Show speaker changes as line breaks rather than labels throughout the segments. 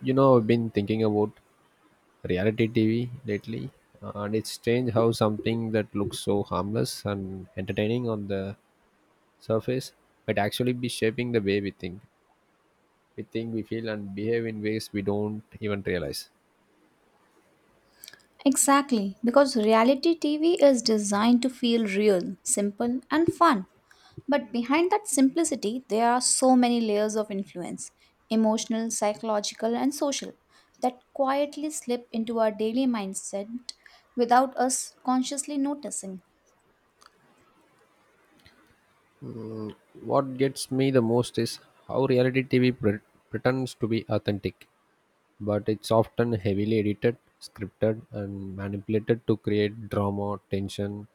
You know, I've been thinking about reality TV lately, and it's strange how something that looks so harmless and entertaining on the surface might actually be shaping the way we think, we feel, and behave in ways we don't even realize.
Exactly, because reality TV is designed to feel real, simple, and fun. But behind that simplicity, there are so many layers of influence emotional, psychological, and social that quietly slip into our daily mindset without us consciously noticing.
What gets me the most is how reality TV pretends to be authentic, but it's often heavily edited, scripted, and manipulated to create drama, tension,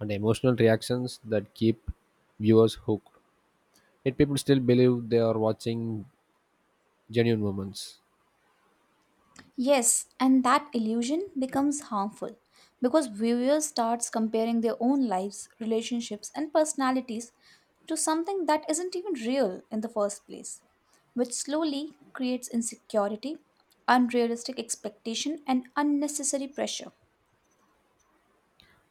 and emotional reactions that keep viewers hooked. Yet people still believe they are watching genuine moments.
Yes, and that illusion becomes harmful because viewers starts comparing their own lives, relationships and personalities to something that isn't even real in the first place, which slowly creates insecurity, unrealistic expectation and unnecessary pressure.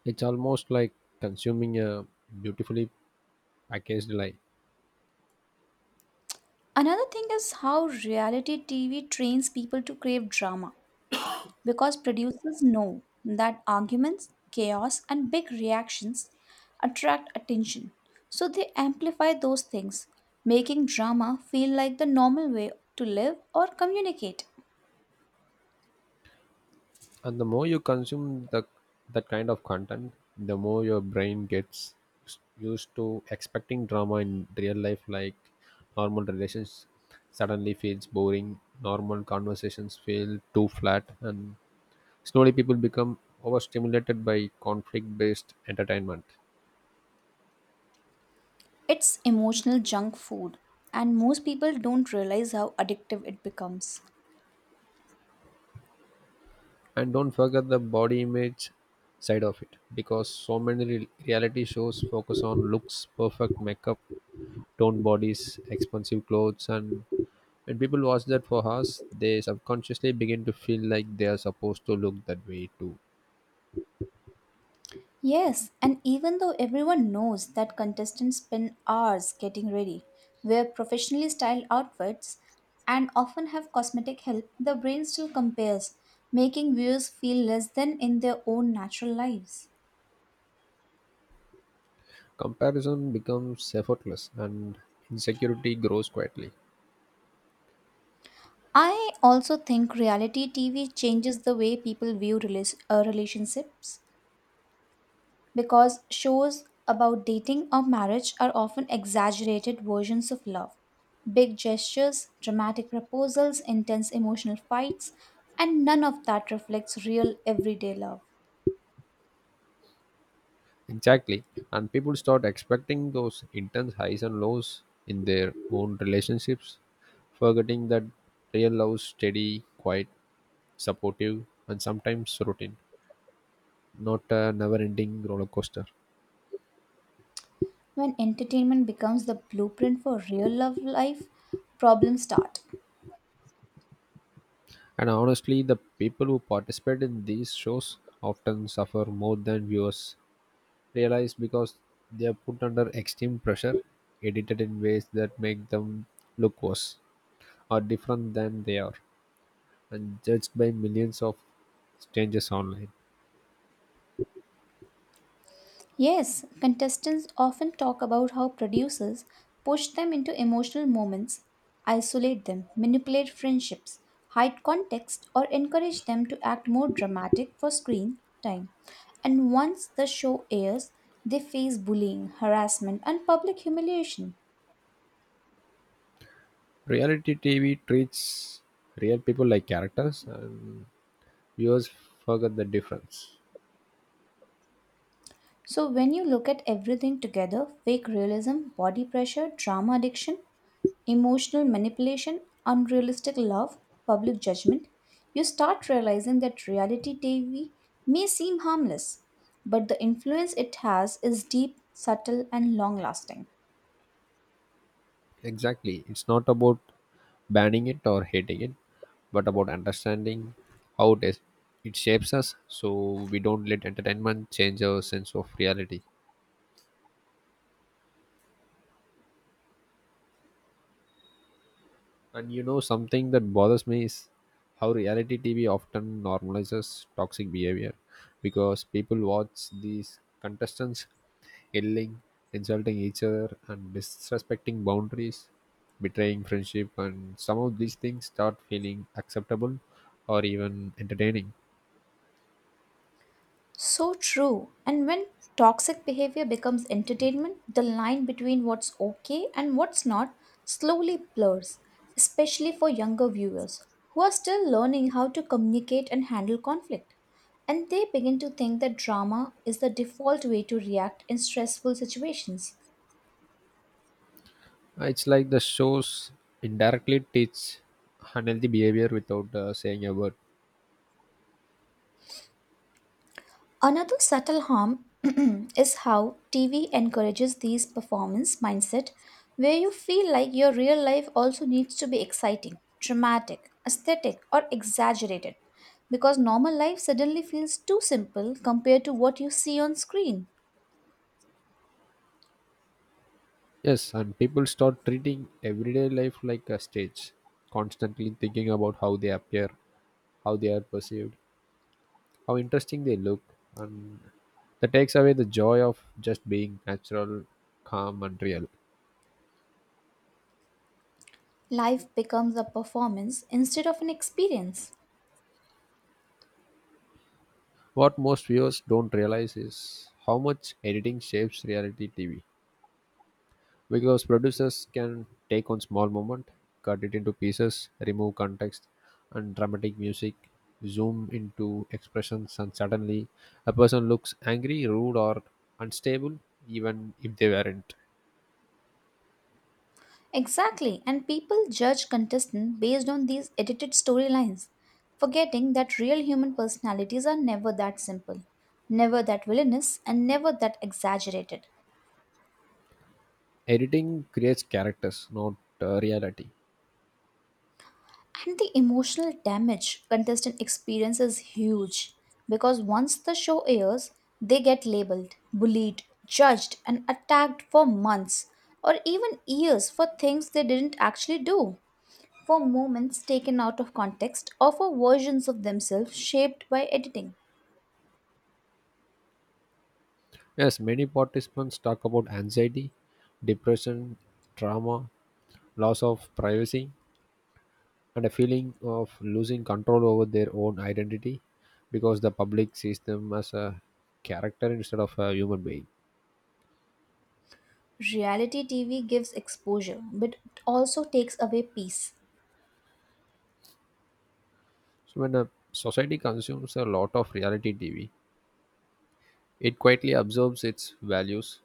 It's almost like consuming a beautifully packaged lie.
Another thing is how reality TV trains people to crave drama because producers know that arguments, chaos, and big reactions attract attention. So they amplify those things, making drama feel like the normal way to live or communicate.
And the more you consume the that kind of content, the more your brain gets used to expecting drama in real life. Like, normal relations suddenly feels boring, normal conversations feel too flat, and slowly people become overstimulated by conflict based entertainment.
It's emotional junk food, and most people don't realize how addictive it becomes.
And don't forget the body image side of it, because so many reality shows focus on looks, perfect makeup, toned bodies, expensive clothes, and when people watch that for us, they subconsciously begin to feel like they are supposed to look that way too.
Yes, and even though everyone knows that contestants spend hours getting ready, wear professionally styled outfits, and often have cosmetic help, the brain still compares, making viewers feel less than in their own natural lives.
Comparison becomes effortless and insecurity grows quietly.
I also think reality TV changes the way people view relationships because shows about dating or marriage are often exaggerated versions of love. Big gestures, dramatic proposals, intense emotional fights, and none of that reflects real everyday love.
Exactly. And people start expecting those intense highs and lows in their own relationships, forgetting that real love is steady, quiet, supportive, and sometimes routine, not a never ending roller coaster.
When entertainment becomes the blueprint for real love life, problems start.
And honestly, the people who participate in these shows often suffer more than viewers realized, because they are put under extreme pressure, edited in ways that make them look worse or different than they are, and judged by millions of strangers online.
Yes, contestants often talk about how producers push them into emotional moments, isolate them, manipulate friendships, hide context, or encourage them to act more dramatic for screen time. And once the show airs, they face bullying, harassment, and public humiliation.
Reality TV treats real people like characters, and viewers forget the difference.
So, when you look at everything together fake realism, body pressure, drama addiction emotional manipulation, unrealistic love, public judgment, you start realizing that reality TV may seem harmless, but the influence it has is deep, subtle, and long lasting.
Exactly, it's not about banning it or hating it, but about understanding how it shapes us, so we don't let entertainment change our sense of reality. And you know, something that bothers me is how reality TV often normalizes toxic behavior, because people watch these contestants yelling, insulting each other, and disrespecting boundaries, betraying friendship, and some of these things start feeling acceptable or even entertaining.
So true. And when toxic behavior becomes entertainment, the line between what's okay and what's not slowly blurs, especially for younger viewers who are still learning how to communicate and handle conflict. And they begin to think that drama is the default way to react in stressful situations.
It's like the shows indirectly teach unhealthy behavior without saying a word.
Another subtle harm is how TV encourages these performance mindset where you feel like your real life also needs to be exciting, dramatic, aesthetic or exaggerated because normal life suddenly feels too simple compared to what you see on screen.
Yes, and people start treating everyday life like a stage, constantly thinking about how they appear, how they are perceived, how interesting they look, and that takes away the joy of just being natural, calm, and real.
Life becomes a performance instead of an experience.
What most viewers don't realize is how much editing shapes reality TV. Because producers can take on small moment, cut it into pieces, remove context, and dramatic music, zoom into expressions, and suddenly a person looks angry, rude, or unstable, even if they weren't.
Exactly, and people judge contestants based on these edited storylines, forgetting that real human personalities are never that simple, never that villainous, and never that exaggerated.
Editing creates characters, not reality.
And the emotional damage contestant experience is huge because once the show airs, they get labeled, bullied, judged, and attacked for months or even years for things they didn't actually do, for moments taken out of context or for versions of themselves shaped by editing.
Yes, many participants talk about anxiety, depression, trauma, loss of privacy, and a feeling of losing control over their own identity, because the public sees them as a character instead of a human being.
Reality TV gives exposure, but it also takes away peace.
So, when a society consumes a lot of reality TV, it quietly absorbs its values: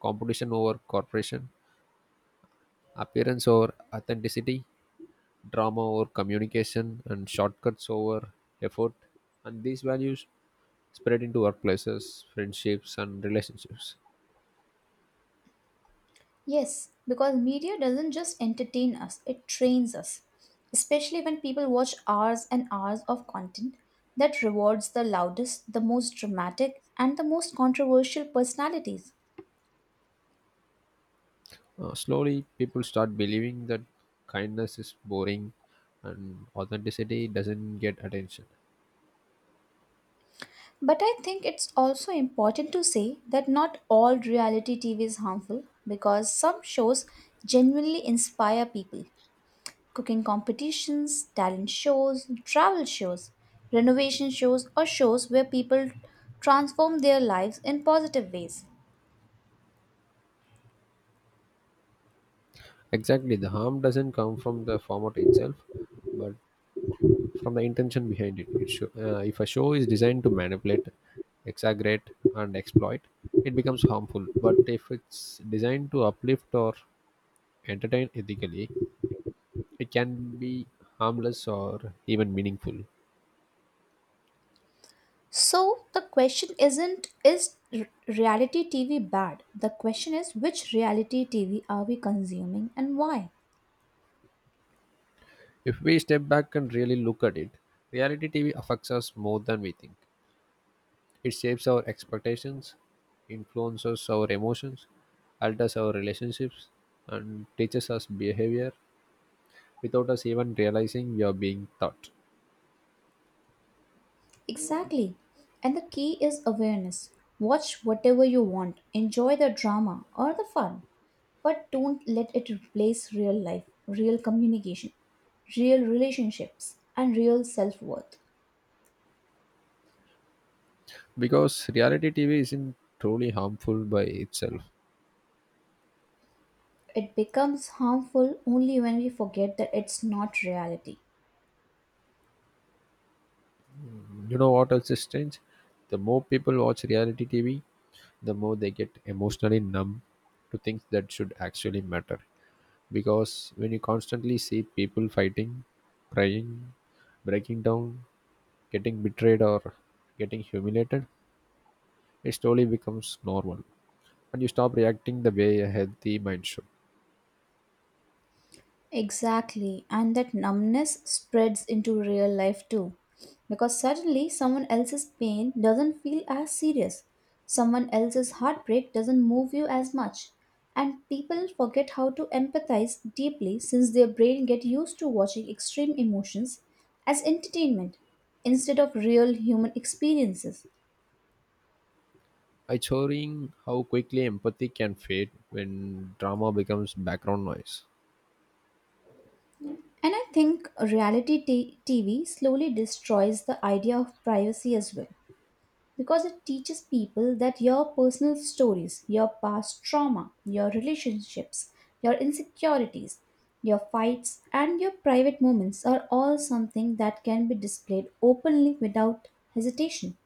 competition over corporation, appearance over authenticity, drama over communication, and shortcuts over effort. And these values spread into workplaces, friendships, and relationships.
Yes, because media doesn't just entertain us, it trains us. Especially when people watch hours and hours of content that rewards the loudest, the most dramatic, and the most controversial personalities.
Slowly, people start believing that kindness is boring and authenticity doesn't get attention.
But I think it's also important to say that not all reality TV is harmful because some shows genuinely inspire people. Cooking competitions, talent shows, travel shows, renovation shows, or shows where people transform their lives in positive ways.
Exactly, the harm doesn't come from the format itself, but from the intention behind it. If a show is designed to manipulate, exaggerate, and exploit, it becomes harmful. But if it's designed to uplift or entertain ethically, it can be harmless or even meaningful.
So the question isn't is reality TV bad? The question is which reality TV are we consuming and why?
If we step back and really look at it, reality TV affects us more than we think. It shapes our expectations, influences our emotions, alters our relationships, and teaches us behavior without us even realizing we are being taught.
Exactly. And the key is awareness. Watch whatever you want, enjoy the drama or the fun, but don't let it replace real life, real communication, real relationships, and real self worth.
Because reality TV isn't truly harmful by itself.
It becomes harmful only when we forget that it's not reality.
You know what else is strange? The more people watch reality TV, the more they get emotionally numb to things that should actually matter. Because when you constantly see people fighting, crying, breaking down, getting betrayed or getting humiliated, it slowly becomes normal and you stop reacting the way a healthy mind should.
Exactly, and that numbness spreads into real life too. Because suddenly someone else's pain doesn't feel as serious, someone else's heartbreak doesn't move you as much, and people forget how to empathize deeply since their brain get used to watching extreme emotions as entertainment instead of real human experiences.
It's showing how quickly empathy can fade when drama becomes background noise.
And I think reality TV slowly destroys the idea of privacy as well because it teaches people that your personal stories, your past trauma, your relationships, your insecurities, your fights, and your private moments are all something that can be displayed openly without hesitation.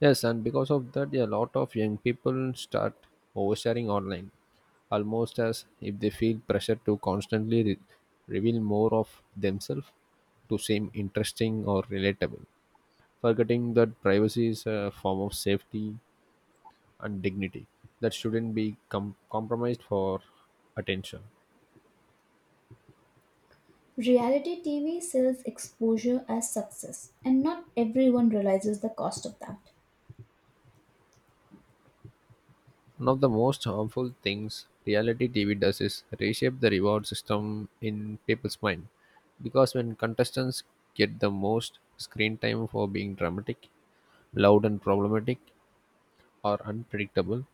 Yes, and because of that, a lot of young people start oversharing online, almost as if they feel pressure to constantly reveal more of themselves to seem interesting or relatable, forgetting that privacy is a form of safety and dignity that shouldn't be compromised for attention.
Reality TV sells exposure as success, and not everyone realizes the cost of that.
One of the most harmful things reality TV does is reshape the reward system in people's mind. Because when contestants get the most screen time for being dramatic, loud and problematic, or unpredictable,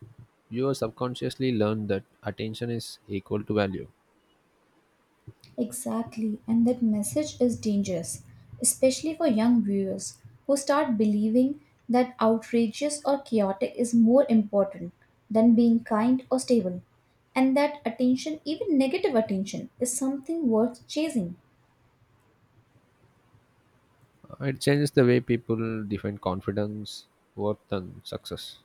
viewers subconsciously learn that attention is equal to value.
Exactly, and that message is dangerous, especially for young viewers who start believing that outrageous or chaotic is more important than being kind or stable, and that attention, even negative attention, is something worth chasing.
It changes the way people define confidence, worth, and success.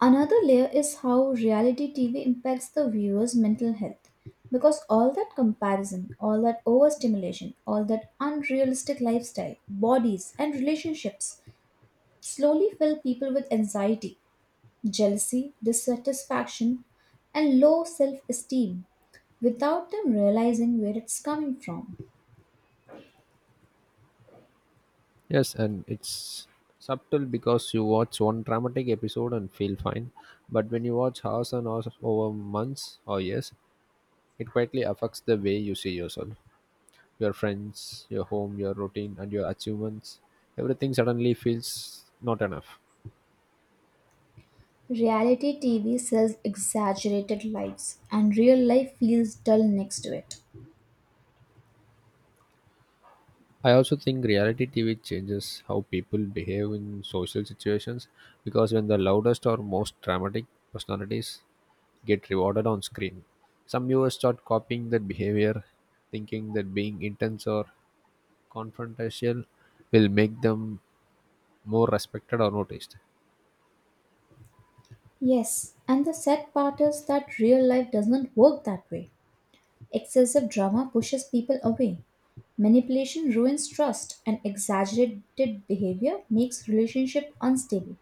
Another layer is how reality TV impacts the viewer's mental health. Because all that comparison, all that overstimulation, all that unrealistic lifestyle, bodies, and relationships slowly fill people with anxiety, jealousy, dissatisfaction, and low self esteem without them realizing where it's coming from.
Yes, and it's subtle, because you watch one dramatic episode and feel fine, but when you watch hours and hours over months or years, it quietly affects the way you see yourself, your friends, your home, your routine, and your achievements. Everything suddenly feels not enough.
Reality TV sells exaggerated lives, and real life feels dull next to it.
I also think reality TV changes how people behave in social situations, because when the loudest or most dramatic personalities get rewarded on screen, some viewers start copying that behavior, thinking that being intense or confrontational will make them more respected or noticed.
Yes, and the sad part is that real life doesn't work that way. Excessive drama pushes people away. Manipulation ruins trust, and exaggerated behavior makes relationship unstable.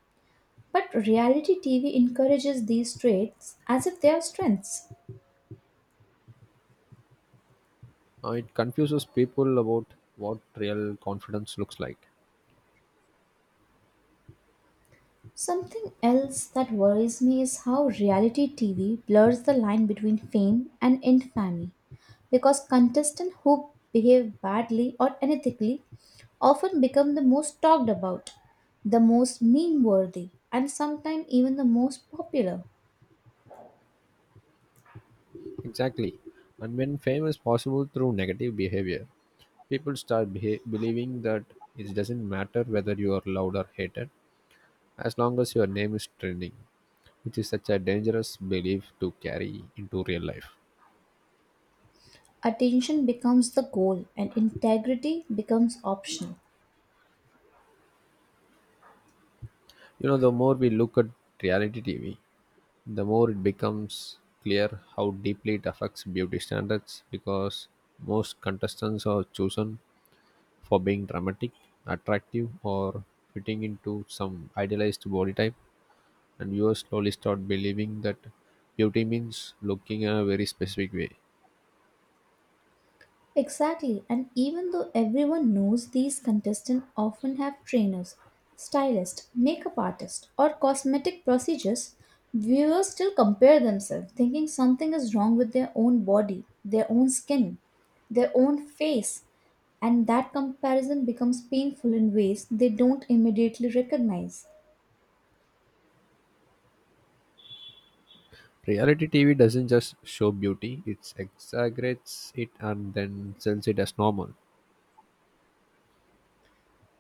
But reality TV encourages these traits as if they are strengths.
It confuses people about what real confidence looks like.
Something else that worries me is how reality TV blurs the line between fame and infamy because contestants who behave badly or unethically often become the most talked about, the most meme worthy, and sometimes even the most popular.
Exactly. And when fame is possible through negative behavior, people start believing that it doesn't matter whether you are loved or hated, as long as your name is trending, which is such a dangerous belief to carry into real life.
Attention becomes the goal and integrity becomes optional.
You know, the more we look at reality TV, the more it becomes clear how deeply it affects beauty standards, because most contestants are chosen for being dramatic, attractive, or fitting into some idealized body type, and viewers slowly start believing that beauty means looking in a very specific way.
Exactly, and even though everyone knows these contestants often have trainers, stylists, makeup artists, or cosmetic procedures, viewers still compare themselves, thinking something is wrong with their own body, their own skin, their own face, and that comparison becomes painful in ways they don't immediately recognize.
Reality TV doesn't just show beauty, it exaggerates it and then sells it as normal.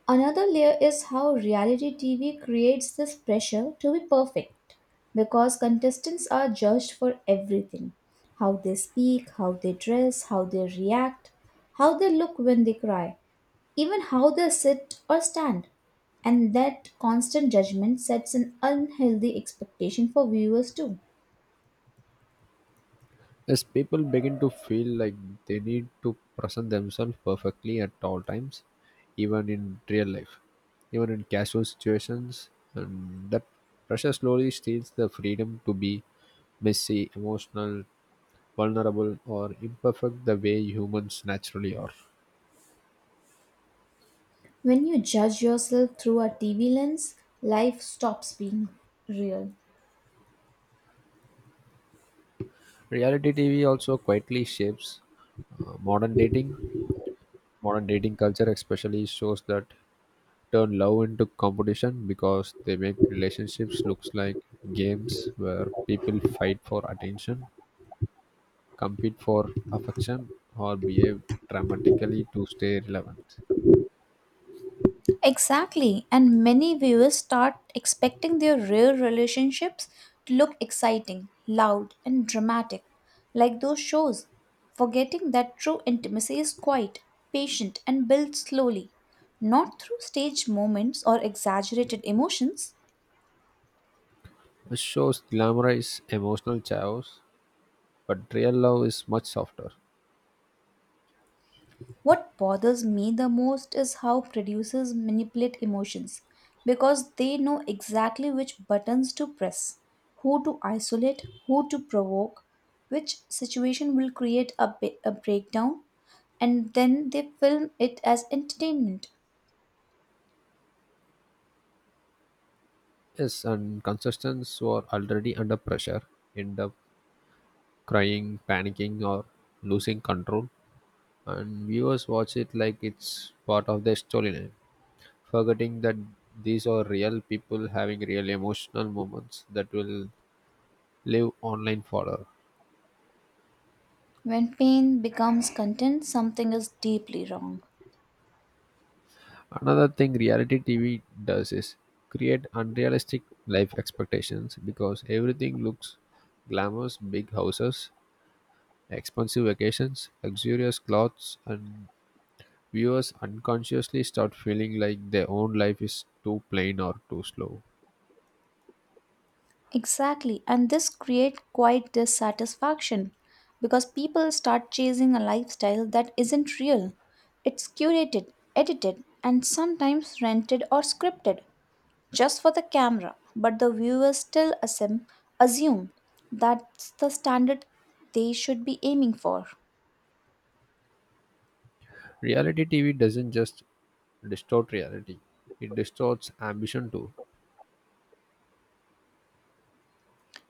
Another layer is how reality TV creates this pressure to be perfect because contestants are judged for everything how they speak, how they dress, how they react, how they look when they cry, even how they sit or stand. And that constant judgment sets an unhealthy expectation for viewers too.
As people begin to feel like they need to present themselves perfectly at all times, even in real life, even in casual situations, and that pressure slowly steals the freedom to be messy, emotional, vulnerable, or imperfect the way humans naturally are.
When you judge yourself through a TV lens, life stops being real.
Reality TV also quietly shapes modern dating. Modern dating culture, especially, shows that turn love into competition, because they make relationships looks like games where people fight for attention, compete for affection, or behave dramatically to stay relevant.
Exactly, and many viewers start expecting their real relationships to look exciting, loud, and dramatic, like those shows, forgetting that true intimacy is quiet, patient, and built slowly, not through staged moments or exaggerated emotions.
The show's glamorize emotional chaos, but real love is much softer.
What bothers me the most is how producers manipulate emotions because they know exactly which buttons to press, who to isolate, who to provoke, which situation will create a breakdown, and then they film it as entertainment.
Yes, and contestants who are already under pressure end up crying, panicking, or losing control, and viewers watch it like it's part of their storyline, forgetting that these are real people having real emotional moments that will live online forever.
When pain becomes content, something is deeply wrong.
Another thing reality TV does is create unrealistic life expectations, because everything looks glamorous: big houses, expensive vacations, luxurious clothes, and viewers unconsciously start feeling like their own life is too plain or too slow.
Exactly, and this creates quite dissatisfaction because people start chasing a lifestyle that isn't real. It's curated, edited, and sometimes rented or scripted just for the camera, but the viewers still assume that's the standard they should be aiming for.
Reality TV doesn't just distort reality, it distorts ambition too.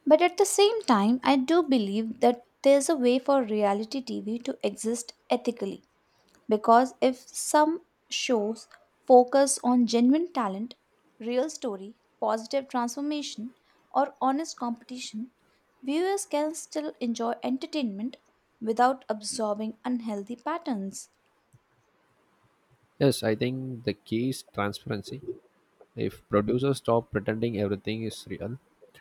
But at the same time, I do believe that there's a way for reality TV to exist ethically. Because if some shows focus on genuine talent, real story, positive transformation, or honest competition, viewers can still enjoy entertainment without absorbing unhealthy patterns.
Yes, I think the key is transparency. If producers stop pretending everything is real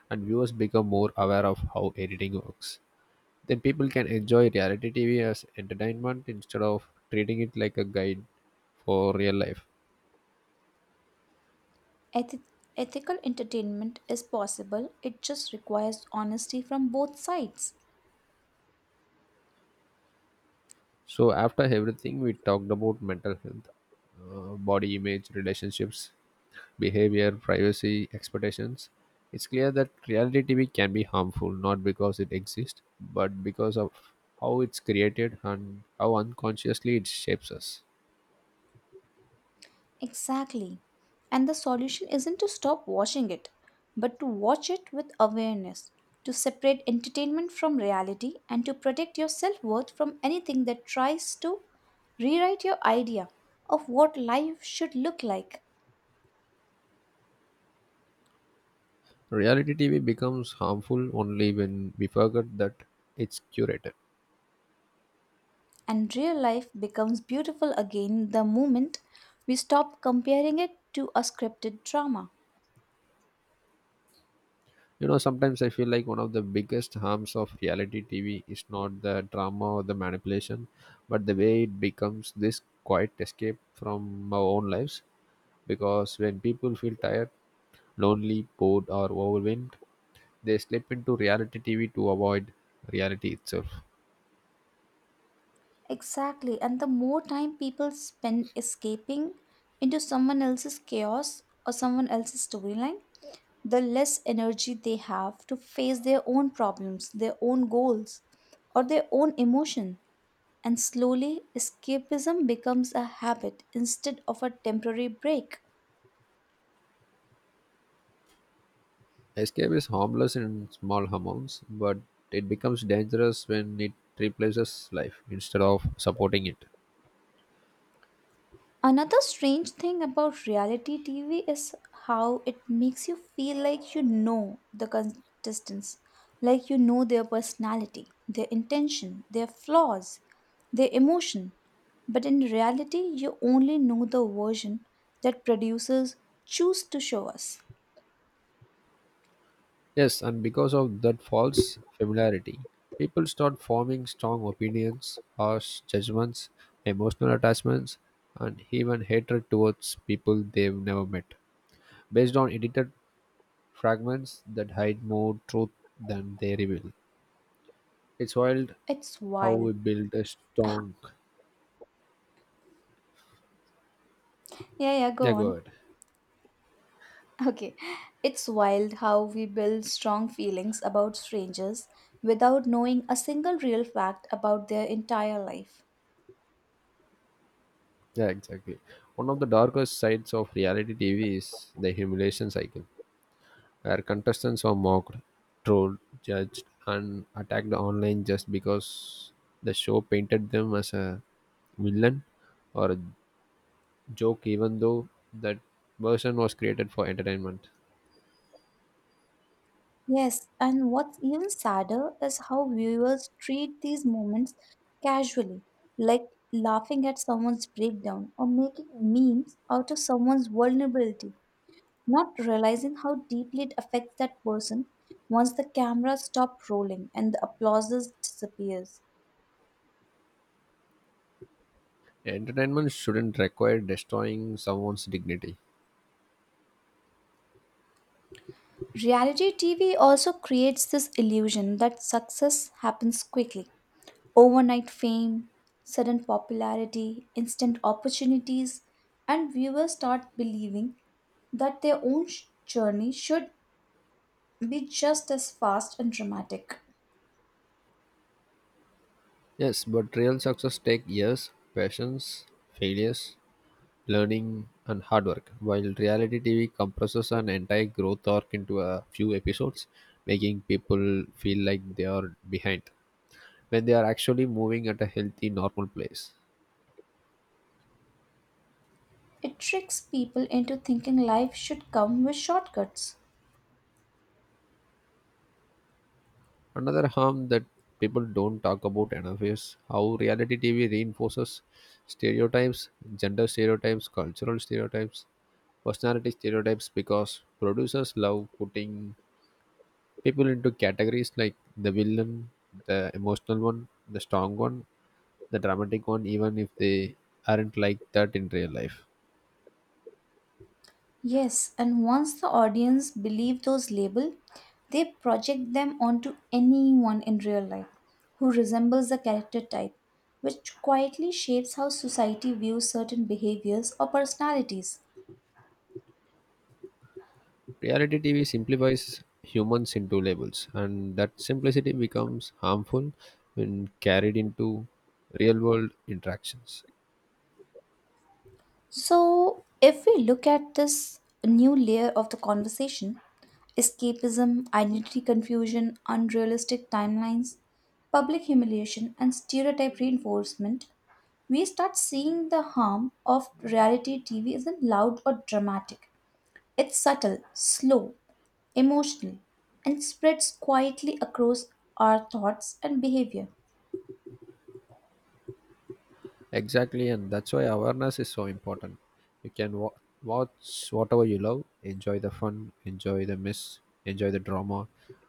and viewers become more aware of how editing works, then people can enjoy reality TV as entertainment instead of treating it like a guide for real life.
Eth- ethical entertainment is possible, it just requires honesty from both sides.
So after everything, we talked about mental health, body image, relationships, behavior, privacy, expectations. It's clear that reality TV can be harmful not because it exists, but because of how it's created and how unconsciously it shapes us.
Exactly. And the solution isn't to stop watching it, but to watch it with awareness, to separate entertainment from reality, and to protect your self worth from anything that tries to rewrite your idea of what life should look like.
Reality TV becomes harmful only when we forget that it's curated.
And real life becomes beautiful again the moment we stop comparing it to a scripted drama.
You know, sometimes I feel like one of the biggest harms of reality TV is not the drama or the manipulation, but the way it becomes this quiet escape from our own lives. Because when people feel tired, lonely, bored, or overwhelmed, they slip into reality TV to avoid reality itself.
Exactly. And the more time people spend escaping into someone else's chaos or someone else's storyline, the less energy they have to face their own problems, their own goals, or their own emotion. And slowly, escapism becomes a habit instead of a temporary break.
Escape is harmless in small amounts, but it becomes dangerous when it replaces life instead of supporting it.
Another strange thing about reality TV is how it makes you feel like you know the contestants, like you know their personality, their intention, their flaws, their emotion. But in reality, you only know the version that producers choose to show us.
Yes, and because of that false familiarity, people start forming strong opinions, harsh judgments, emotional attachments, and even hatred towards people they've never met, based on edited fragments that hide more truth than they reveal. It's wild
It's
how we
wild.
build a strong.
Yeah, yeah,
Yeah,
go
go
on.
ahead.
Okay. It's wild how we build strong feelings about strangers without knowing a single real fact about their entire life.
Yeah, exactly. One of the darkest sides of reality TV is the humiliation cycle, where contestants were mocked, trolled, judged, and attacked online just because the show painted them as a villain or a joke, even though that version was created for entertainment.
Yes, and what's even sadder is how viewers treat these moments casually, like laughing at someone's breakdown or making memes out of someone's vulnerability, not realizing how deeply it affects that person once the camera stops rolling and the applause disappears.
Entertainment shouldn't require destroying someone's dignity.
Reality TV also creates this illusion that success happens quickly. Overnight fame, sudden popularity, instant opportunities, and viewers start believing that their own journey should be just as fast and dramatic.
Yes, but real success takes years, patience, failures, learning, and hard work. While reality TV compresses an entire growth arc into a few episodes, making people feel like they are behind, when they are actually moving at a healthy, normal pace.
It tricks people into thinking life should come with shortcuts.
Another harm that people don't talk about enough is how reality TV reinforces stereotypes, gender stereotypes, cultural stereotypes, personality stereotypes, because producers love putting people into categories like the villain, the emotional one, the strong one, the dramatic one, even if they aren't like that in real life.
Yes, and once the audience believe those labels, they project them onto anyone in real life who resembles the character type, which quietly shapes how society views certain behaviors or personalities.
Reality TV simplifies humans into labels, and that simplicity becomes harmful when carried into real world interactions.
So, if we look at this new layer of the conversation escapism, identity confusion, unrealistic timelines, public humiliation, and stereotype reinforcement we start seeing the harm of reality TV isn't loud or dramatic. It's subtle, slow, emotional, and spreads quietly across our thoughts and behavior.
Exactly, and that's why awareness is so important. You can watch whatever you love, enjoy the fun, enjoy the mess, enjoy the drama,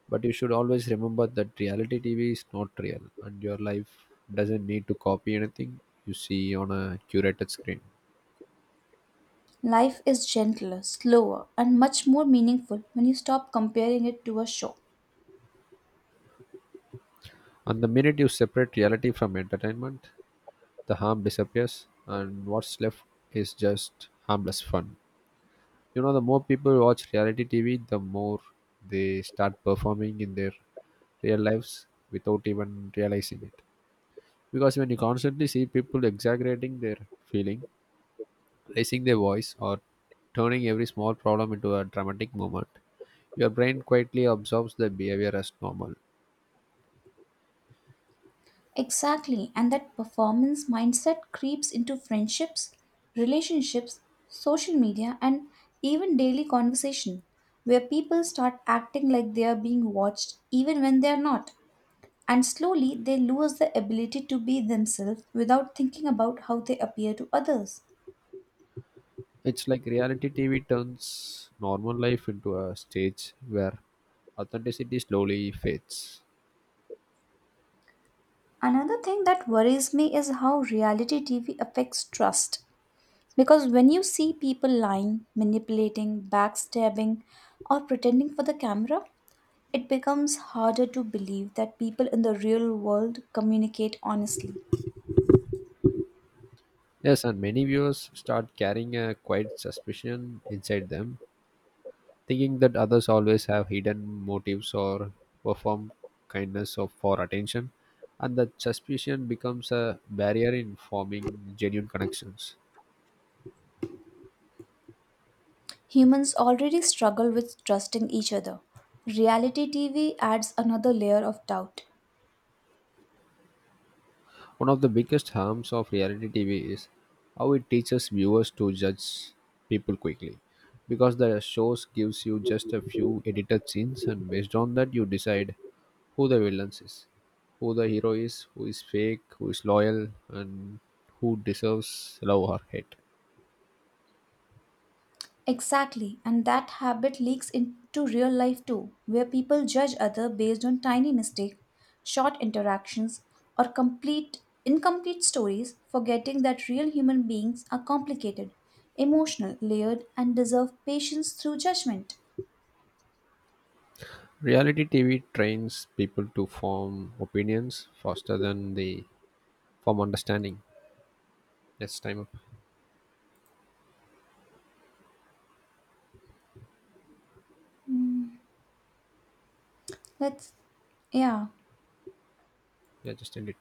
but you should always remember that reality TV is not real, and your life doesn't need to copy anything you see on a curated screen.
Life is gentler, slower, and much more meaningful when you stop comparing it to a show.
And the minute you separate reality from entertainment, the harm disappears and what's left is just harmless fun. You know, the more people watch reality TV, the more they start performing in their real lives without even realizing it, because when you constantly see people exaggerating their feeling, raising their voice, or turning every small problem into a dramatic moment, your brain quietly absorbs the behavior as normal.
Exactly, and that performance mindset creeps into friendships, relationships, social media, and even daily conversation, where people start acting like they are being watched even when they are not. And slowly, they lose the ability to be themselves without thinking about how they appear to others.
It's like reality TV turns normal life into a stage where authenticity slowly fades.
Another thing that worries me is how reality TV affects trust. Because when you see people lying, manipulating, backstabbing, or pretending for the camera, it becomes harder to believe that people in the real world communicate honestly.
Yes, and many viewers start carrying a quiet suspicion inside them, thinking that others always have hidden motives or perform kindness for attention, and that suspicion becomes a barrier in forming genuine connections.
Humans already struggle with trusting each other. Reality TV adds another layer of doubt.
One of the biggest harms of reality TV is how it teaches viewers to judge people quickly, because the shows gives you just a few edited scenes and based on that you decide who the villain is, who the hero is, who is fake, who is loyal and who deserves love or hate.
Exactly, and that habit leaks into real life too, where people judge other based on tiny mistakes, short interactions, or complete incomplete stories, forgetting that real human beings are complicated, emotional, layered, and deserve patience through judgment.
Reality TV trains people to form opinions faster than they form understanding. Yes, time up.
Let's Yeah.
Yeah, just end it.